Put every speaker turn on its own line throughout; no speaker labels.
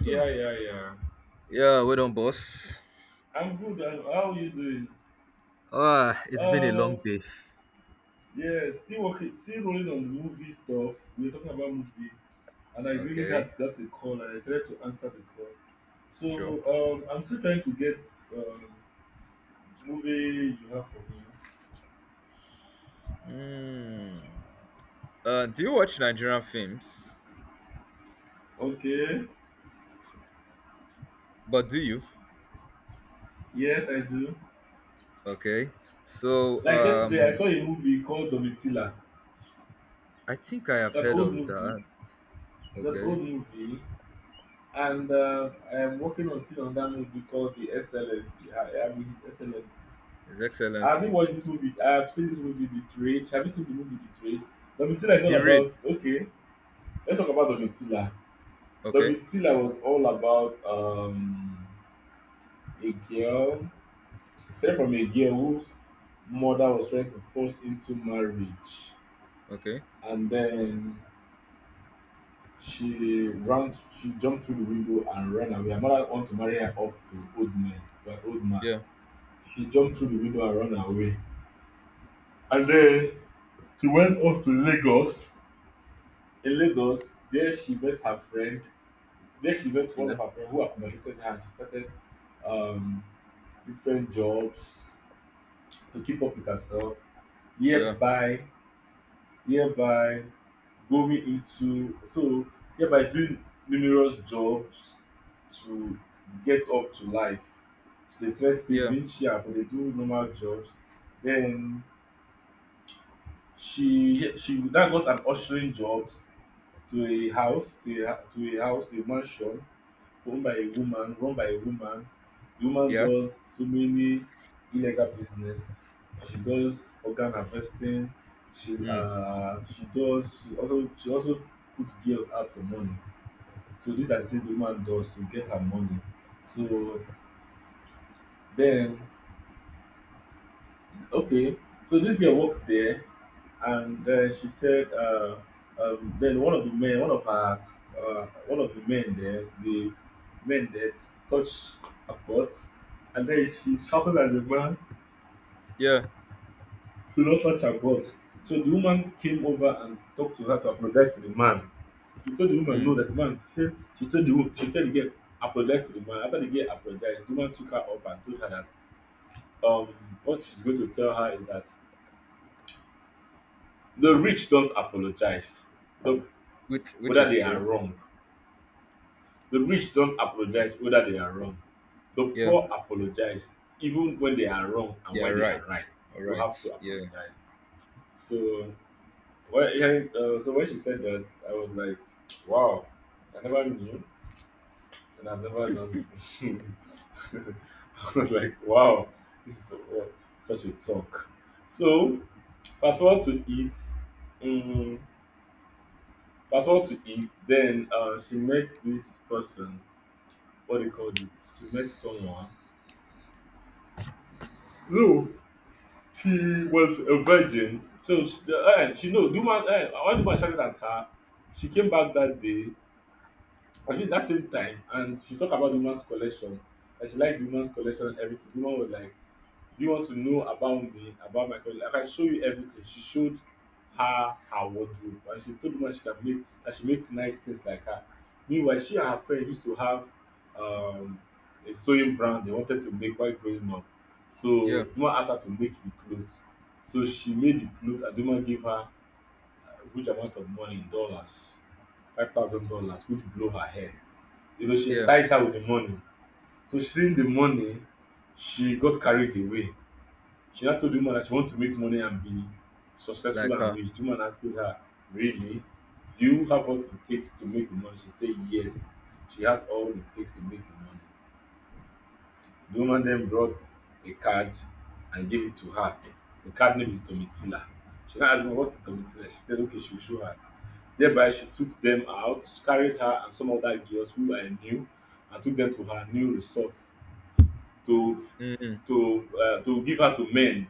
Yeah, yeah, yeah.
Yeah, well done, boss.
I'm good. How are you doing?
Ah, it's been a long
Um,
day.
yeah, still working, still rolling on the movie stuff. We were talking about movie, and I really
Okay,
got a call, and I decided to answer the call. So
sure.
um, I'm still trying to get um, movie you have for me.
Hmm. Do you watch Nigerian films?
Okay.
But do you?
Yes, I do.
Okay. So,
Like yesterday, I
um,
saw a movie called Domitila.
I think I
It's
have
an
heard
old
of
movie.
that.
It's an
Okay.
old movie, and I am working on still on that movie called The Excellency. I mean, His Excellency.
His
Have you
Excellency.
watched this movie? I have seen this movie, The Trade. Have you seen the movie, The Trade? Domitila is all
The Raid.
about. Okay, let's talk about Domitila.
Okay.
Domitila was all about a girl, started from a girl whose mother was trying to force into marriage,
Okay.
and then she ran, she jumped through the window and ran away. Her mother wanted to marry her off to old man, to an old man.
Yeah.
She jumped through the window and ran away, and then she went off to Lagos, in Lagos, there she met her friend. There she met one of
Yeah.
her friends who accommodated her, and she started um, different jobs to keep up with herself.
Yeah.
Hereby, hereby going into so hereby doing numerous jobs to get up to life. She dey try
Yeah.
saving, she and for dey do normal jobs. Then she now got an ushering jobs to a house, to a, to a house, a mansion owned by a woman, run by a woman. The woman
Yeah.
does so many illegal business. She does organ harvesting.
Mm.
She does, she also put girls out for money. So these are the things the woman does to get her money. So then, okay, so this girl worked there, and then she said, then one of the men, one of her, one of the men there, the men that touched her butt, and then she shouted at the man
Yeah.
to not touch her butt. So the woman came over and talked to her to apologize to the man. She told the woman
Mm.
no that the man, she said she told the girl apologize to the man. After the girl apologized, the woman took her up and told her that um what she's going to tell her is that the rich don't apologize, the,
Which
whether
is
they are
true.
wrong. The rich don't apologize whether they are wrong. The
Yeah.
poor apologize even when they are wrong and
Yeah.
when they are
Right.
right.
All
You
right.
have to
Yeah.
apologize. So, well, so when she said that, I was like, wow, I never knew and I've never done. I was like, wow, this is so, such a talk. So, fast forward to it. um, Fast forward to it, then she met this person. What do called it? She met someone. No, she was a virgin. So she, the, she no, the woman, one woman shouted at her. She came back that day, I think that same time, and she talked about the woman's collection. And she liked the woman's collection and everything. The woman was like, "Do you want to know about me, about my career? I can show you everything." She showed her her wardrobe and she told me she can make, that she make nice things like her. Meanwhile, she and her friend used to have um, a sewing brand they wanted to make while growing up.
Yeah.
So the woman asked her to make the clothes. So she made the clothes and the woman gave her a huge amount of money in dollars, $5,000, which blew her head. You know, she
Yeah.
enticed her with the money. So seeing the money, she got carried away. She now told the woman that she want to make money and be successful
Like
and
her.
rich. The woman now told her, really? Do you have what it takes to make the money? She said, yes. She has all it takes to make the money. The woman then brought a card and gave it to her. The card name is Domitila. She now asked me, what is Domitila? She said, okay, she'll show her. Thereby, she took them out, carried her and some other girls who were new, and took them to her new resort to
Mm.
to give her to men.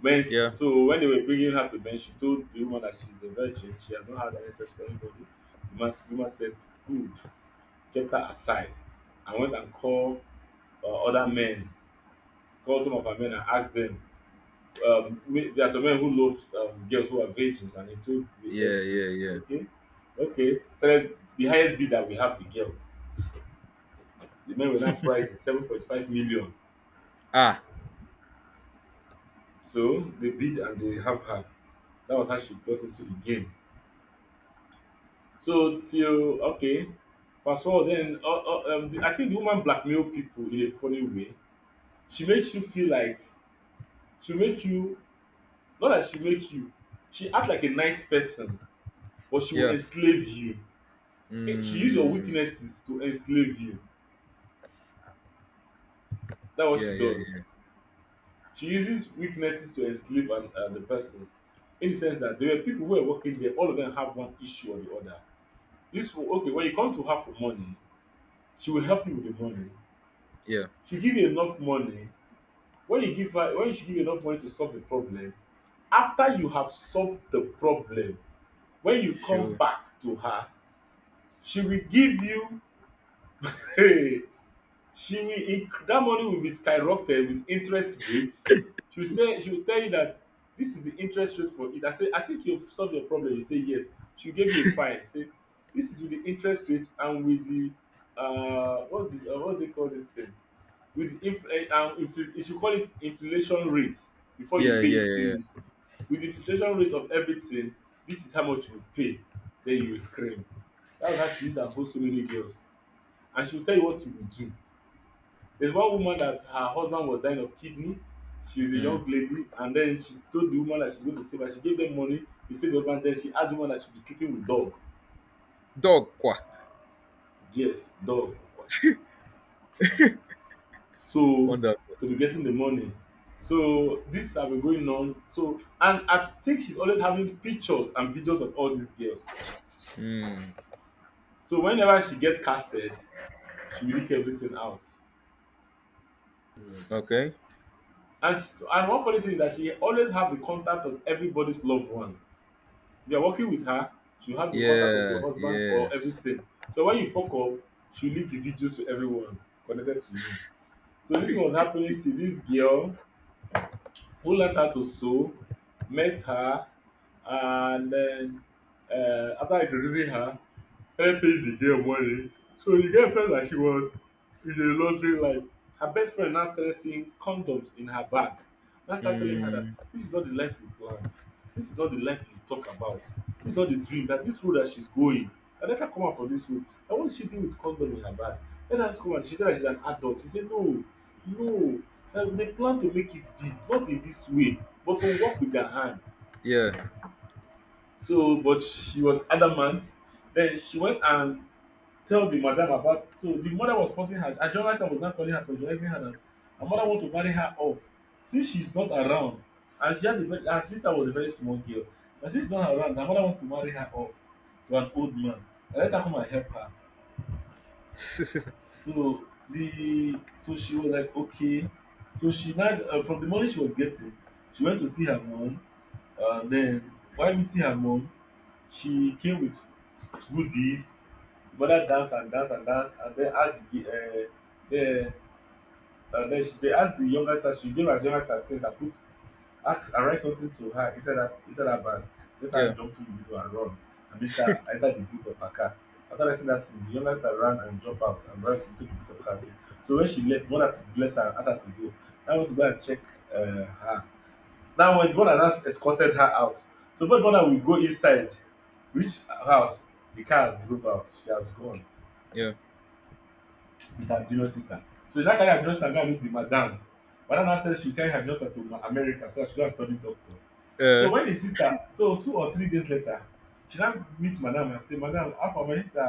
when
Yeah.
when they were bringing her to Ben, she told the woman that she's a virgin, she has not had any sex with anybody. The woman said, "Good," kept her aside and went and called other men, called some of her men and asked them, me there are some men who love girls who are virgins, and he told the
Yeah.
them
Yeah.
to
Yeah.
okay, okay, said the highest bid that we have the girl. The men were now priced at 7.5 million.
Ah,
So they bid and they have her. That was how she got into the game. So till okay, fast forward, then I think the woman blackmail people in a funny way. She makes you feel like, she make you, not that she make you. She act like a nice person, but she will
yeah.
enslave you. She use your
Mm,
weaknesses to enslave you. That's what
yeah,
she
yeah,
does.
yeah,
She uses weaknesses to enslave the person. In the sense that there were people who were working there, all of them have one issue or the other. Okay, when you come to her for money, she will help you with the money.
yeah.
She give you enough money. When she give you enough money to solve the problem, after you have solved the problem, when you come
Sure.
back to her, she will give you hey, that money will be skyrocketed with interest rates. She will say, she will tell you that this is the interest rate for it. I say, I think you've solved your problem. You say yes. She will give you a file. Say this is with the interest rate and with the, what do they call this thing? With, if you should call it inflation rate, before you
Yeah,
pay
yeah,
it
yeah,
finish, with inflation rate of everything, this is how much you pay. Then you will scream. That was how she used to hold so many girls. And she will tell you what you will do. There is one woman that her husband was dying of kidney. She was a
yeah.
young
Mm.
lady, and then she told the woman that she going to save her. She gave them money. She save the husband. Then she ask the woman that she be sleeping with dog.
Dog qua.
Yes, dog. So
Wonder.
to be getting the money. So this have been going on. So, and I think she's always having pictures and videos of all these girls.
Mm.
So whenever she get casted, she will leak everything out.
Okay.
And she, and one funny thing is that she always have the contact of everybody's loved one. If you are working with her, she will have the contact of your
Yeah,
husband or
yes.
everything. So when you fuck up, she will leak the videos to everyone connected to you. So this thing was happening to this girl who learnt how to sew, met her, and then after introducing her, helping the girl money. So the girl felt like she was in a luxury life. Her best friend now started seeing condoms in her bag. Now started telling her that
Mm.
this is not the life you planned. This is not the life you talk about. This is not the dream. That this road that she's going, I let her come out for this road. And what is she doing with condom in her bag? Let her just come out. She said that she's an adult. She said no, no. They plan to make it big, not in this way, but to work with their hand.
Yeah,
So, but she was adamant. Then she went and tell the madam about, so the mother was forcing her, her journalist was now calling her, pressurizing her that her mother want to marry her off since she's not around. And she had a very, her sister was a very small girl, and since she's not around her mother want to marry her off to an old man and let her come and help her. So the, so she was like, okay. So she now, from the money she was getting, she went to see her mom. Then while meeting her mom, she came with goodies. The mother danced and danced and danced and then asked the and then she they asked the younger sister. She gave her younger sister things and put ask and write something to her inside her bag, let
yeah,
her jump through the window and run and make her enter the boot of her car. After writing that thing, the younger sister ran and jump out and ran into the boot of her car. So when she left, mother to bless her and ask her to go. I went to go and check uh, her. Now, when the one has escorted her out, so first one will go inside, reach her house, the car has drove out, she has gone
yeah.
with her junior sister. So she now carry her junior sister and go and meet the madam. Madam now says she carry her junior sister to America so that she go and study doctor. So
Uh,
when the sister, so 2 or 3 days later, she now meet madam and say, madam, how far my sister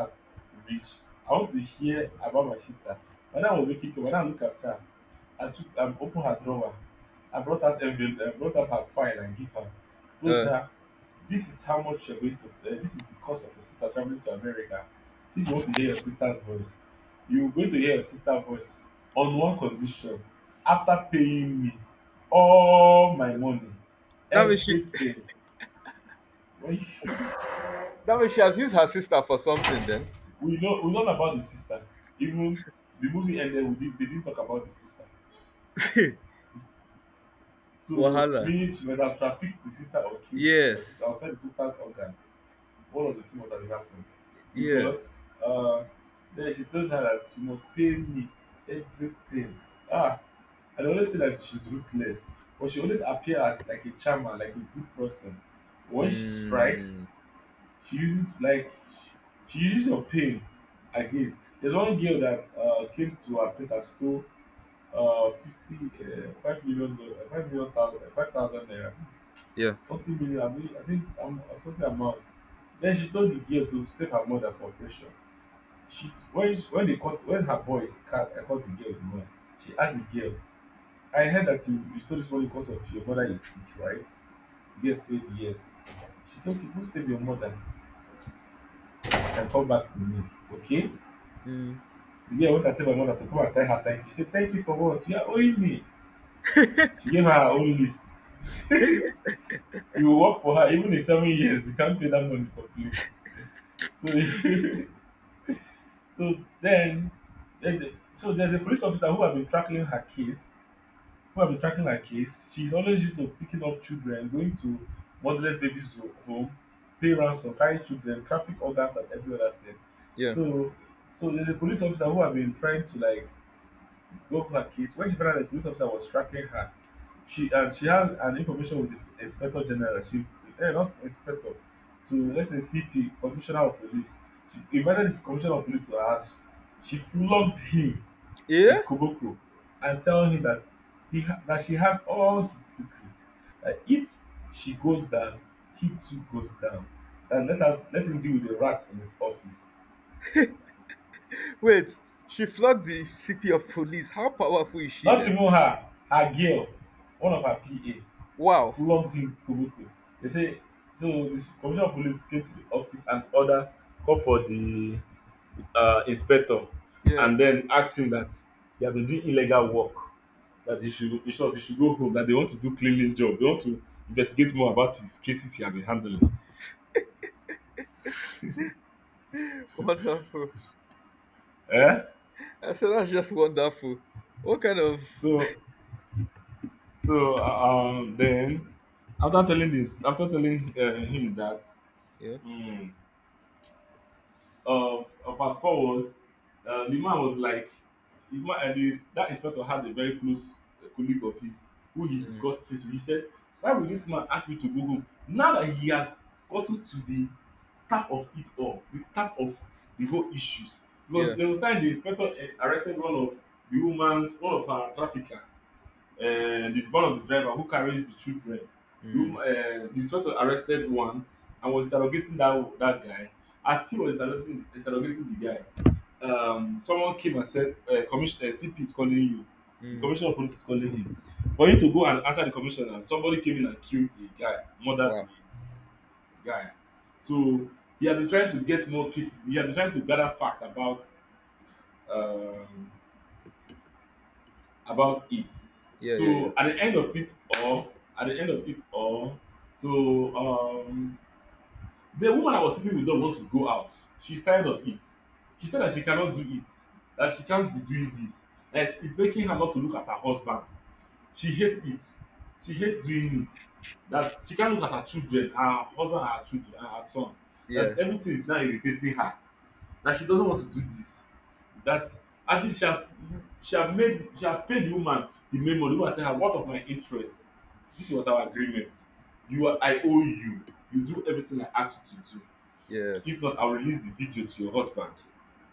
reach? I want to hear about my sister. Madam was making cake, madam look at her. I took and open her drawer. I brought out envelope, I brought out her file and give her, told
uh.
her, this is how much you are going to this is the cost of your sister travelling to America. Since you want to hear your sister's voice, you going to hear your sister voice on one condition: after paying me all my money,
That means she
everything. When you,
that means she has used her sister for something then.
we know we learn about the sister. Even the movie ended, we did they didn't talk about the sister. So
Wahala.
meaning she must have trafficked the sister or killed the sister
Yes.
sister or sell the sister's organ. One of the two must have happened,
Yeah.
because uh then she told her that she must pay me, everything. ah I always say that she's ruthless, but she always appears as like a charmer, like a good person. When she strikes,
Mm.
she uses like she uses your pain against. There's one girl that came to her place and stole uh, 50, 5 million, 5 million, thousand, 5,000 naira,
Yeah.
20 million, I mean, I think something amount. Then she told the girl to save her mother for operation. She, when they caught, when her boys caught, I caught the girl with the money. She asked the girl, I heard that you stole this money because of your mother is sick, right? The girl said yes. She said, okay, go save your mother and come back to me. Okay?
Mm.
The girl went and said my mother to come and tell her thank you. She said, thank you for what? You are owing me. She gave her her own list. You will work for her even in 7 years. You can't pay that money complete. So, so then, so there's a police officer who have been tracking her case. She's always used to picking up children, going to motherless babies home, pay ransom, carrying children, traffic orders, and every other thing.
Yeah.
So, there's a police officer who have been trying to like go over her case. When she found out the police officer was tracking her, she, and she has an information with the inspector general. She, not inspector, to let's say CP, commissioner of police. She invited this commissioner of police to her house. She flogged him
Yeah?
with Koboko and tell him that that she has all his secrets. That if she goes down, he too goes down. That let her let him deal with the rats in his office.
Wait, she flogged the CP of police. How powerful is she
Not
then?
even her, girl, one of her PA,
Wow.
flogged him Koboko. They say so. The commissioner of police came to the office and order, call for the inspector,
Yeah,
and then ask him that he had been doing illegal work, that he should, in short, he should go home, that they want to do cleaning job, they want to investigate more about his cases he had been handling.
wonderful.
eh
I said that's just wonderful. What kind of
so so then, after telling him that,
yeah,
mm, uh, uh, fast forward, the man was like, the man and that inspector had a very close colleague of his, who he
mm,
discussed this with. He said, why will this man ask me to go home now that he has gotten to the tap of the whole issues? Because
yeah,
there was time the inspector, arrested one of the woman's one of her trafficker, the, one of the driver who carries the children. The, woman,
mm,
the inspector arrested one and was interrogating that that guy. As he was interrogating the guy, someone came and said, Commissioner CP is calling you. The
mm,
commissioner of police is calling him. For him to go and answer the commissioner, somebody came in and killed the guy, murdered
wow,
the guy. So he had been trying to get more cases. He had been trying to gather facts um, about it.
yeah, yeah, yeah,
So at the end of it all, so the woman I was sleeping with don't want to go out. She's tired of it. She said that she cannot do it. That she can't be doing this. That it's making her not to look at her husband. She hates it. She hates doing it. That she can't look at her children, her husband, her children, and her son.
yeah,
That everything is now irritating her, that she doesn't want to do this, that at least she have, she have made she have paid the woman the memo. money. The woman tell her, what of my interest? This was our agreement. You are, I owe you. You do everything I ask you to do.
yes,
If not, I'll release the video to your husband,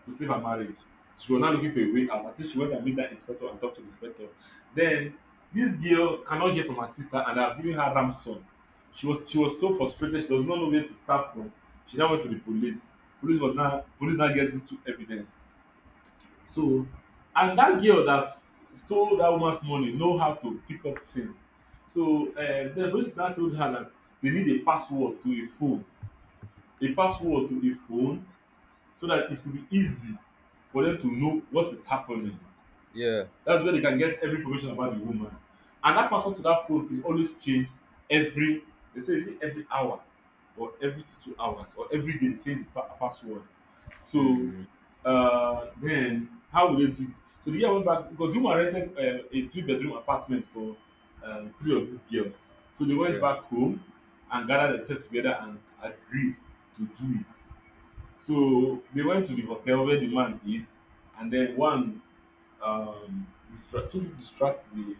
to save her marriage. She was now looking for a way out. I think she went and meet that inspector and talked to the inspector. Then this girl cannot hear from her sister and I've given her ransom. She was so frustrated, she does not know where to start from. She now went to the police. Police was now police now get these two evidence. So, and that girl that stole that woman's money know how to pick up things. So the police now told her that they need a password to a phone. A password to a phone so that it will be easy for them to know what is happening.
yeah,
That's where they can get every information about the woman. And that password to that phone is always changed every, they say is it every hour or every 2 hours or every day they change the pa password. So
mm,
then, how will they do it? So the year went back because the woman rented a three-bedroom apartment for three of these girls. So they went
yeah,
back home and gathered themselves together and agreed to do it. So they went to the hotel where the man is, and then one, um distract the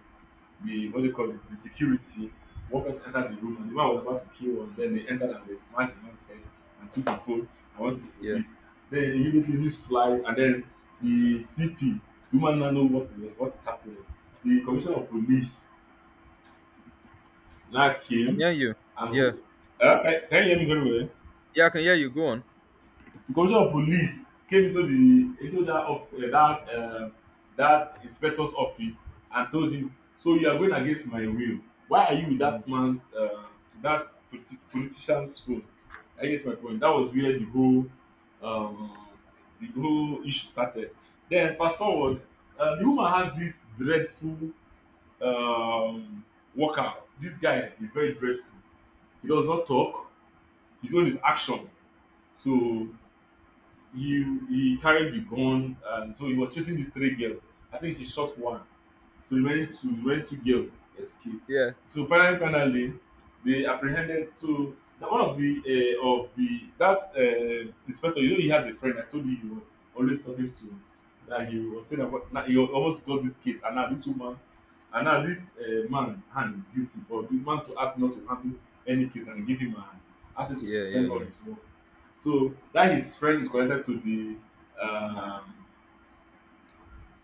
what do you call it, the security. One person entered the room and the man was about to kill one. Then they entered and they smashed the man's head and took the phone and went to the
yeah.
police. Then immediately news flies and then the CP, the woman now know what is happening. The commissioner of police now
I can
came,
hear you.
and
Yeah,
who, can you hear me very well?
yeah, I can hear you. Go on.
Commissioner of police came into the into that of that that inspector's office and told him, so you are going against my will, why are you with
Mm,
that man's, that politician's phone? I get my point. That was where um, the whole issue started. Then fast forward, the woman has this dreadful um, worker. This guy is very dreadful. He does not talk. His own is action. So he he carried the gun, and so he was chasing these three girls. I think he shot one. So the remaining two girls escaped.
yeah,
So finally, finally, they apprehended. So na one of the that inspector, you know, he has a friend I told you he was always talking to, that he was saying about. Now he almost got this case and now this woman, and now this man hand is guilty, for the man to ask not to handle any case and give him a hand, ask him to
yeah, yeah,
suspend all
yeah.
his work, so that his friend is connected to the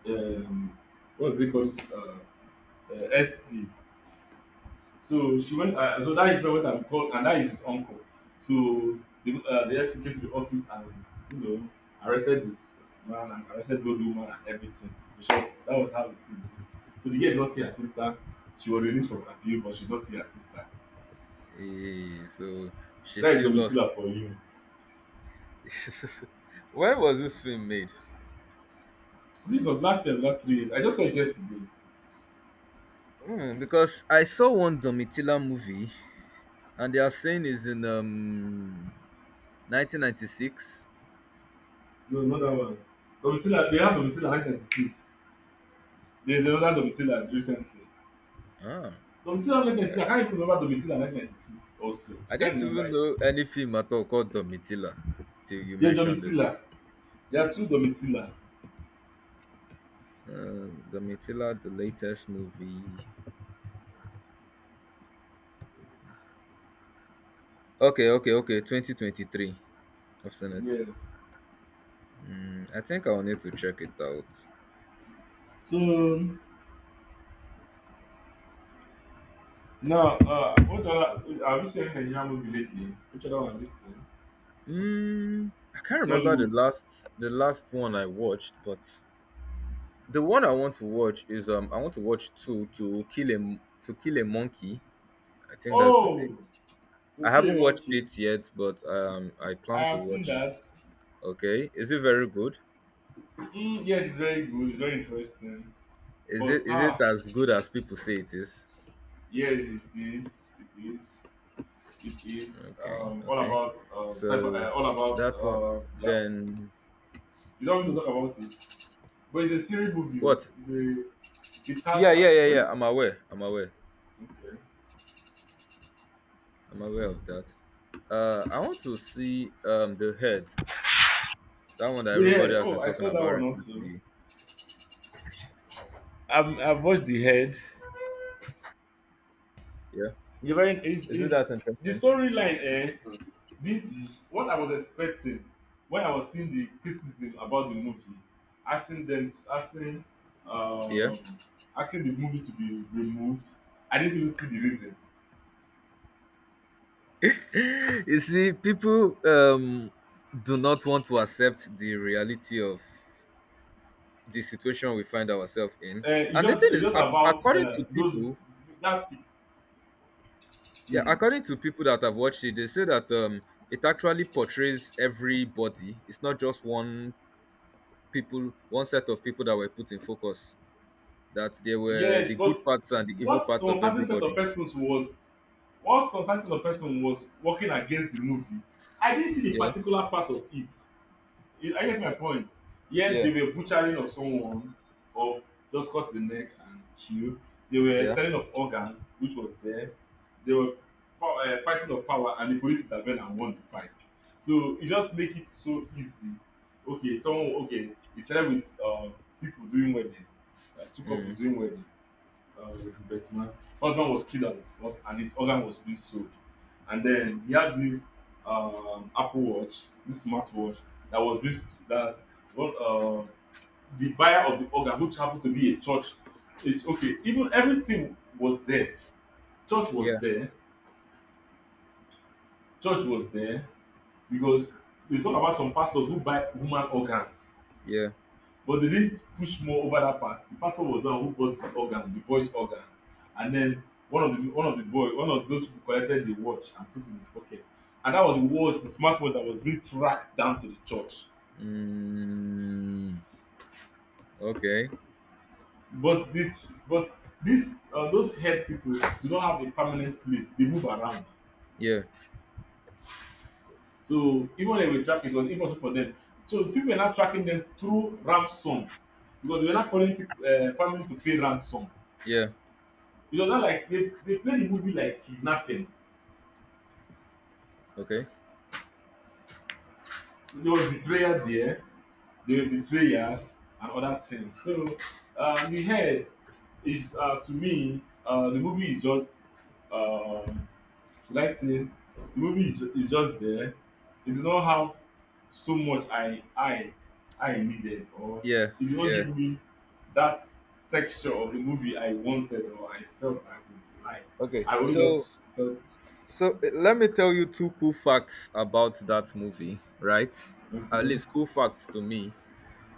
um, what's it called, SP. So she went. So that his friend went and called, and that is his uncle. So the SP came to the office and you know arrested this man, and arrested both the woman and everything, because that was how the thing go. So the girl did not see her sister. She was released from appeal, but she did not see her sister.
Eh, so she
That is
still lost.
Domitila for you.
When was this film made?
I think it was last year, last 3 years. I just saw it yesterday.
Hmm, because I saw one Domitila movie and they are saying is in 1996.
No, not that one. Domitila, they have Domitila 1996. There's another Domitila recently.
Ah,
Domitila 1996, I can't even remember Domitila 1996 also. I
I
can't
didn't
remember
even
it.
know any film at all called Domitila till you
There's
mentioned it.
Domitila. There are two Domitila.
Domitila, the latest movie. Okay, okay, okay. 2023. I've seen it.
Yes.
Mm, I think I'll need to check it out.
So, Now, what other, have you seen any Nigerian movie lately? Which other one have you seen?
I can't remember the
Nollywood.
last the last one I watched, but the one I want to watch is I want to watch two to kill a to kill a monkey. I think that's the name.
Oh,
I
okay,
haven't watched
monkey.
it yet, but I
I
plan to
have seen
watch.
that.
Okay, is it very good?
Mm, yes, it's very good, it's very interesting.
Is
But,
it is it
ah,
as good as people say it is?
yes, it is. It is. It is
Okay,
all
okay.
about cyber,
So
all about
that's one.
yeah.
Then
You don't want to talk about it, but it's a serious movie. Oh.
what?
It's a it has
Yeah, yeah, yeah, yeah.
what's
I'm aware. I'm aware.
okay.
I'm aware of that. I want to see the head. That one that everybody
Yeah.
has
Oh,
been
I
talking
saw that
about
one also.
recently.
I've watched the head.
Yeah,
The very is
isn't
is
that
the
interesting?
storyline. Eh, did what I was expecting when I was seeing the criticism about the movie, asking them asking
Yeah.
um asking the movie to be removed. I didn't even see the reason.
You see, people do not want to accept the reality of the situation we find ourselves in.
It's
And the
just
thing
it's
is,
just about
according to people,
that
yeah,
mm,
according to people that have watched it, they say that it actually portrays everybody. It's not just one people, one set of people that were put in focus. That they were
yes,
the
but
good parts and the evil
what
parts
some
of
certain set of
everybody.
persons was what some certain set of person was working against the movie. I didn't see the
Yeah,
particular part of it. Are you getting my point? Yes,
yeah,
they were butchering of someone, of just cut the neck and kill. They were
yeah,
selling of organs, which was there. They were fighting of power, and the police intervened and won the fight. So it just make it so easy. Okay, he started with people doing wedding, two couples
mm,
doing wedding. Was his best man. Husband was killed on the spot, and his organ was being sold. And then he had this Apple Watch, this smartwatch that was being that well, uh, the buyer of the organ, which happened to be a church. It's okay. Even everything was there. Church was
yeah,
there. Church was there because we talk about some pastors who buy human organs.
yeah.
But they didn't push more over that part. The pastor was the one who bought the organ, the boy's organ, and then one of those people collected the watch and put it in his pocket. And that was the watch, the smart watch that was being tracked down to the church.
Mm, okay,
But this, but this, those head people do not have a permanent place. They move around.
yeah,
So even when they were tracking, it was impossible for them. So people were not tracking them through ransom because they were not calling people, families to pay ransom.
yeah,
It was not like they played the movie like kidnapping.
okay,
There was betrayal there, there were betrayers and other things. So the head is to me the movie is just uh, should I say the movie is, is just there. It did not have so much I I needed, or
yeah,
it did not
yeah,
give me that texture of the movie I wanted or I felt I would like.
okay.
I only
So
just felt
so eh, let me tell you two cool facts about that movie, right? At
okay.
least cool facts to me.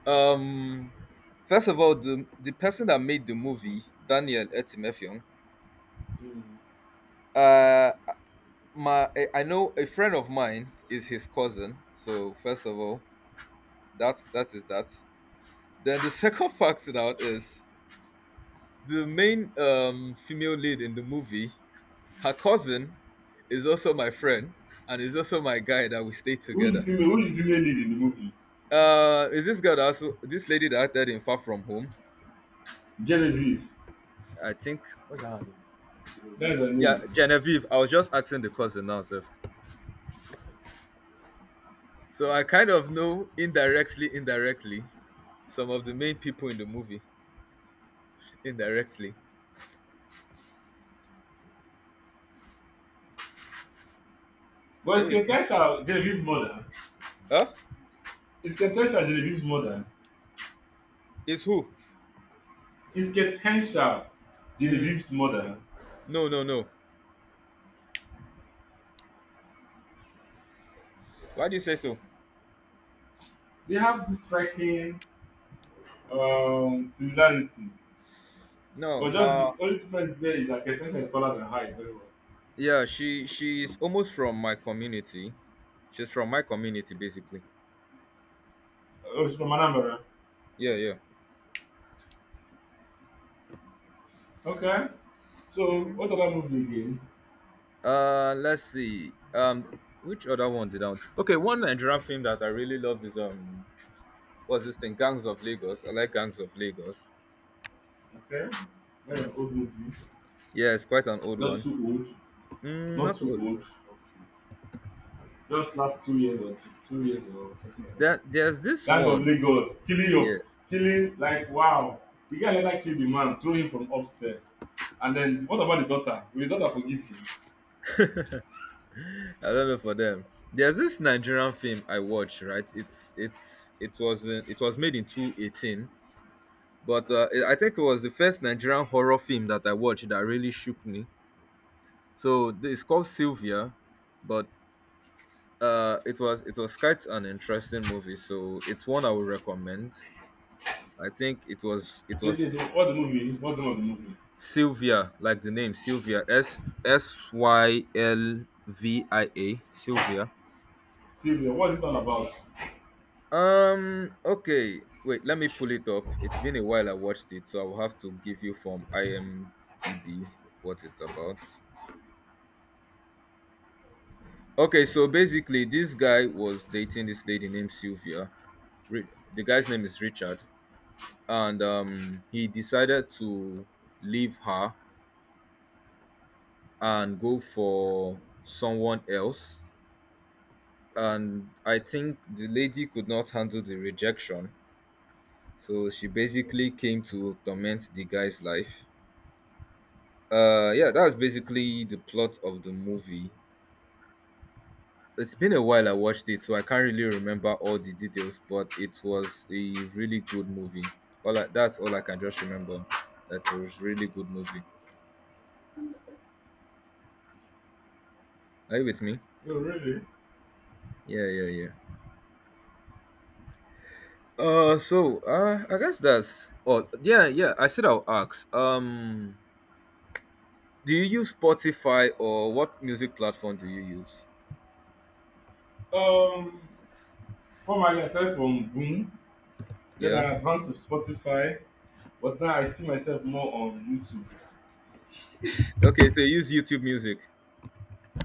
Um, first of all, the person that made the movie, Daniel Etimefion,
Mm.
uh, my I know a friend of mine is his cousin. So first of all, that is that. Then the second fact now is the main female lead in the movie. Her cousin is also my friend and is also my guy that we stay
Who is the
together.
female? Who is the female lead in the movie?
Is this girl that also this lady that acted in Far From Home?
Genevieve.
I think.
That's her name
Yeah,
now.
Genevieve. I was just asking the cousin now, sir. So I kind of know indirectly, indirectly, some of the main people in the movie. Indirectly.
But
Are
it's
you with me?
Ketesha Genevieve's mother.
Huh?
It's Ketesha Genevieve's mother.
Is who?
It's Ketensha
Mm,
Genevieve's mother.
no, no, no. Why do you say so?
They have this striking similarity.
No,
But just
her.
the only difference there is that Ketensha is taller than her very well.
Yeah, she's almost from my community. She's from my community, basically.
Oh, she's from Anambra.
Yeah, yeah.
Okay. So
Mm.
what other movie again?
Let's see. Which other one did I want? Okay, one Nigerian film that I really love is what's this thing? Gangs of Lagos. I like Gangs of Lagos.
Okay. Not an old movie.
Yeah, it's quite an old
Not
one.
too old.
Mm,
Not
not
too
old.
old. Just last 2 years or 2 years or something like that.
There's this
Gang of
one.
Lagos killing
Yeah,
of killing like wow. The guy later kill the man, throw him from upstairs. And then what about the daughter? Will the daughter forgive him?
I don't know for them. There's this Nigerian film I watched. Right, it's it was made in two eighteen, but I think it was the first Nigerian horror film that I watched that really shook me. So it's called Sylvia, but it was quite an interesting movie, so it's one I would recommend. I think it
Twenty
was
years old. What's the movie? What's the name of the movie?
Sylvia, like the name Sylvia, S S Y L V I A, Sylvia.
Sylvia. What's it all about?
Okay, wait, let me pull it up. It's been a while I watched it, so I will have to give you from IMDb what it's about. Okay, so basically, this guy was dating this lady named Sylvia. Ri- The guy's name is Richard. And he decided to leave her and go for someone else. And I think the lady could not handle the rejection, so she basically came to torment the guy's life. Yeah, that's basically the plot of the movie. It's been a while I watched it, so I can't really remember all the details, but it was a really good movie. That's all I can just remember. That it was really good movie. Are you with me?
Oh really?
Yeah, yeah, yeah. So I guess that's all. Yeah, yeah. I said I'll ask. Do you use Spotify or what music platform do you use?
Um, Formerly I started from Boom, then
Yeah.
I advanced to Spotify, but now I see myself more on YouTube.
Okay, so you use YouTube Music.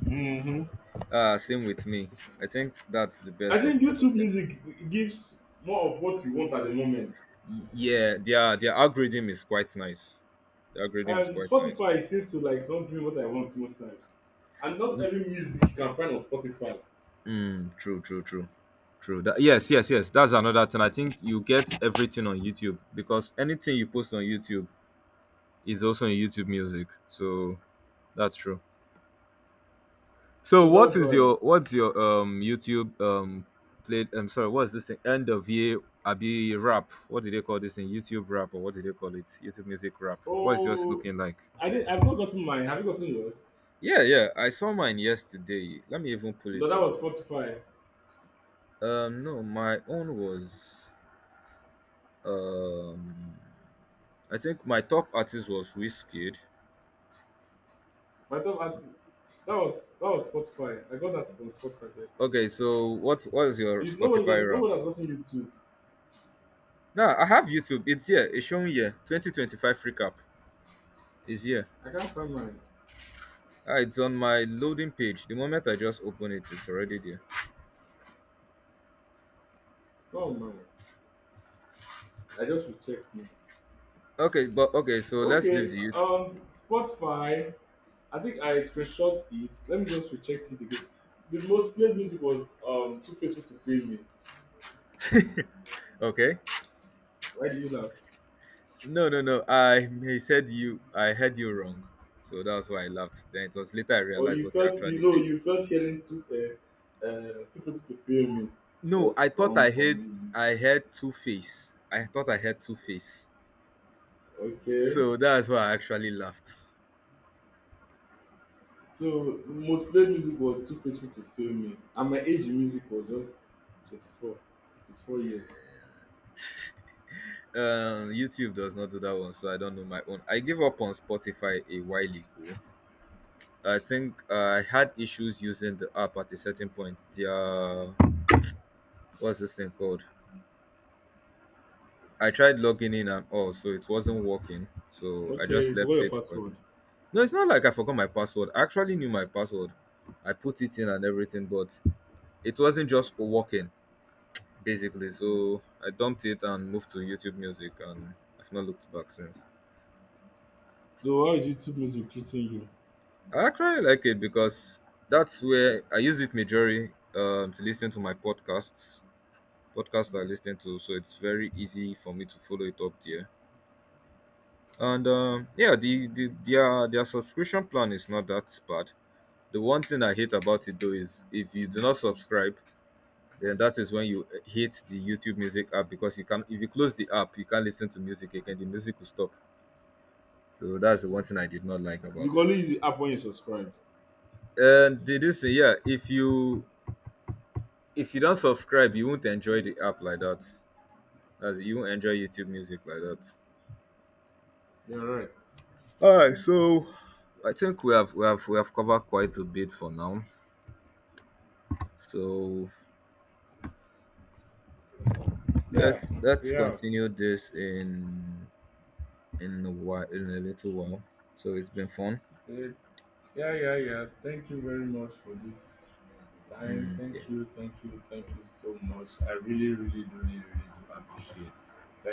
Hmm.
Same with me. I think that's the
I
best of
think
all
YouTube
of them.
music gives more of what you want at the moment.
Yeah, their algorithm is quite nice. The algorithm is
And
quite nice.
Spotify seems to like not doing what I want most times. And not
Mm,
every music you can find on Spotify.
mm, true, true, true, true. That, yes, yes, yes. That's another thing. I think you get everything on YouTube because anything you post on YouTube is also in YouTube Music. So that's true. So
So that's why.
what's your YouTube played I'm sorry, what's this thing? End of year Abi rap. What do they call this thing? YouTube rap or what do they call it? YouTube music rap. What is yours
Oh,
looking like?
I did I've not gotten mine. Have you gotten yours?
Yeah, yeah. I saw mine yesterday. Let me even pull
No,
it
that
up.
was Spotify.
No, my own was um I think my top artist was Wizkid.
My top artist that was Spotify. I got that from Spotify yesterday.
Okay, so what is your
If nobody
Spotify
got
rap?
Nobody has gotten YouTube.
Nah, I have YouTube. It's here. It's shown here. 2025 recap is here.
I can't find mine.
Ah, it's on my loading page. The moment I just open it, it's already there.
It's not on mine. I just rechecked me.
Okay, but okay, so let's leave
Okay,
the youth.
Spotify, I think I screenshot it. Let me just recheck it again. The most played music was Too Faithful to Fail Me.
Okay.
Why do you laugh?
No, no, no. I he said you. I heard you wrong. So that's why I laughed. Then it was later I
Or
realized
you
what you
felt you
actually
know
said.
you felt hearing Too Faithful to Fail Me
No,
was
I thought
wrong
I
for
heard.
me.
I heard Two Face. I thought I heard Two Face.
Okay.
So that's why I actually laughed.
So most played music was Too Faithful to Fail Me, and my age in music was just 24, 24 years.
YouTube does not do that one, so I don't know my own. I gave up on Spotify a while ago. I think I had issues using the app at a certain point. The what's this thing called? I tried logging in and all, so it wasn't working. So I
Okay,
just
you forgot
left
your
it. For...
password.
No, it's not like I forgot my password. I actually knew my password. I put it in and everything, but it wasn't just working basically. So I dumped it and moved to YouTube Music, and I've not looked back since.
So how is YouTube music treating you?
I actually like it because that's where I use it majorly to listen to my podcasts podcast I listen to, so it's very easy for me to follow it up there. And yeah, their subscription plan is not that bad. The one thing I hate about it though is if you do not subscribe, then that is when you hate the YouTube Music app because you can if you close the app, you can't listen to music again. The music will stop. So that's the one thing I did not like
You can
about it.
only use the app when you subscribe.
And did you say yeah? If you don't subscribe, you won't enjoy the app like that. As you won't enjoy YouTube Music like that.
You're right.
All right, so I think we have covered quite a bit for now. So
Yeah,
let's
we
let's
have.
continue this in a while in a little while. So it's been fun.
It, yeah, yeah, yeah. Thank you very much for this time.
Mm,
Thank
yeah.
you, thank you, thank you so much. I really, really, really, really do appreciate. Thank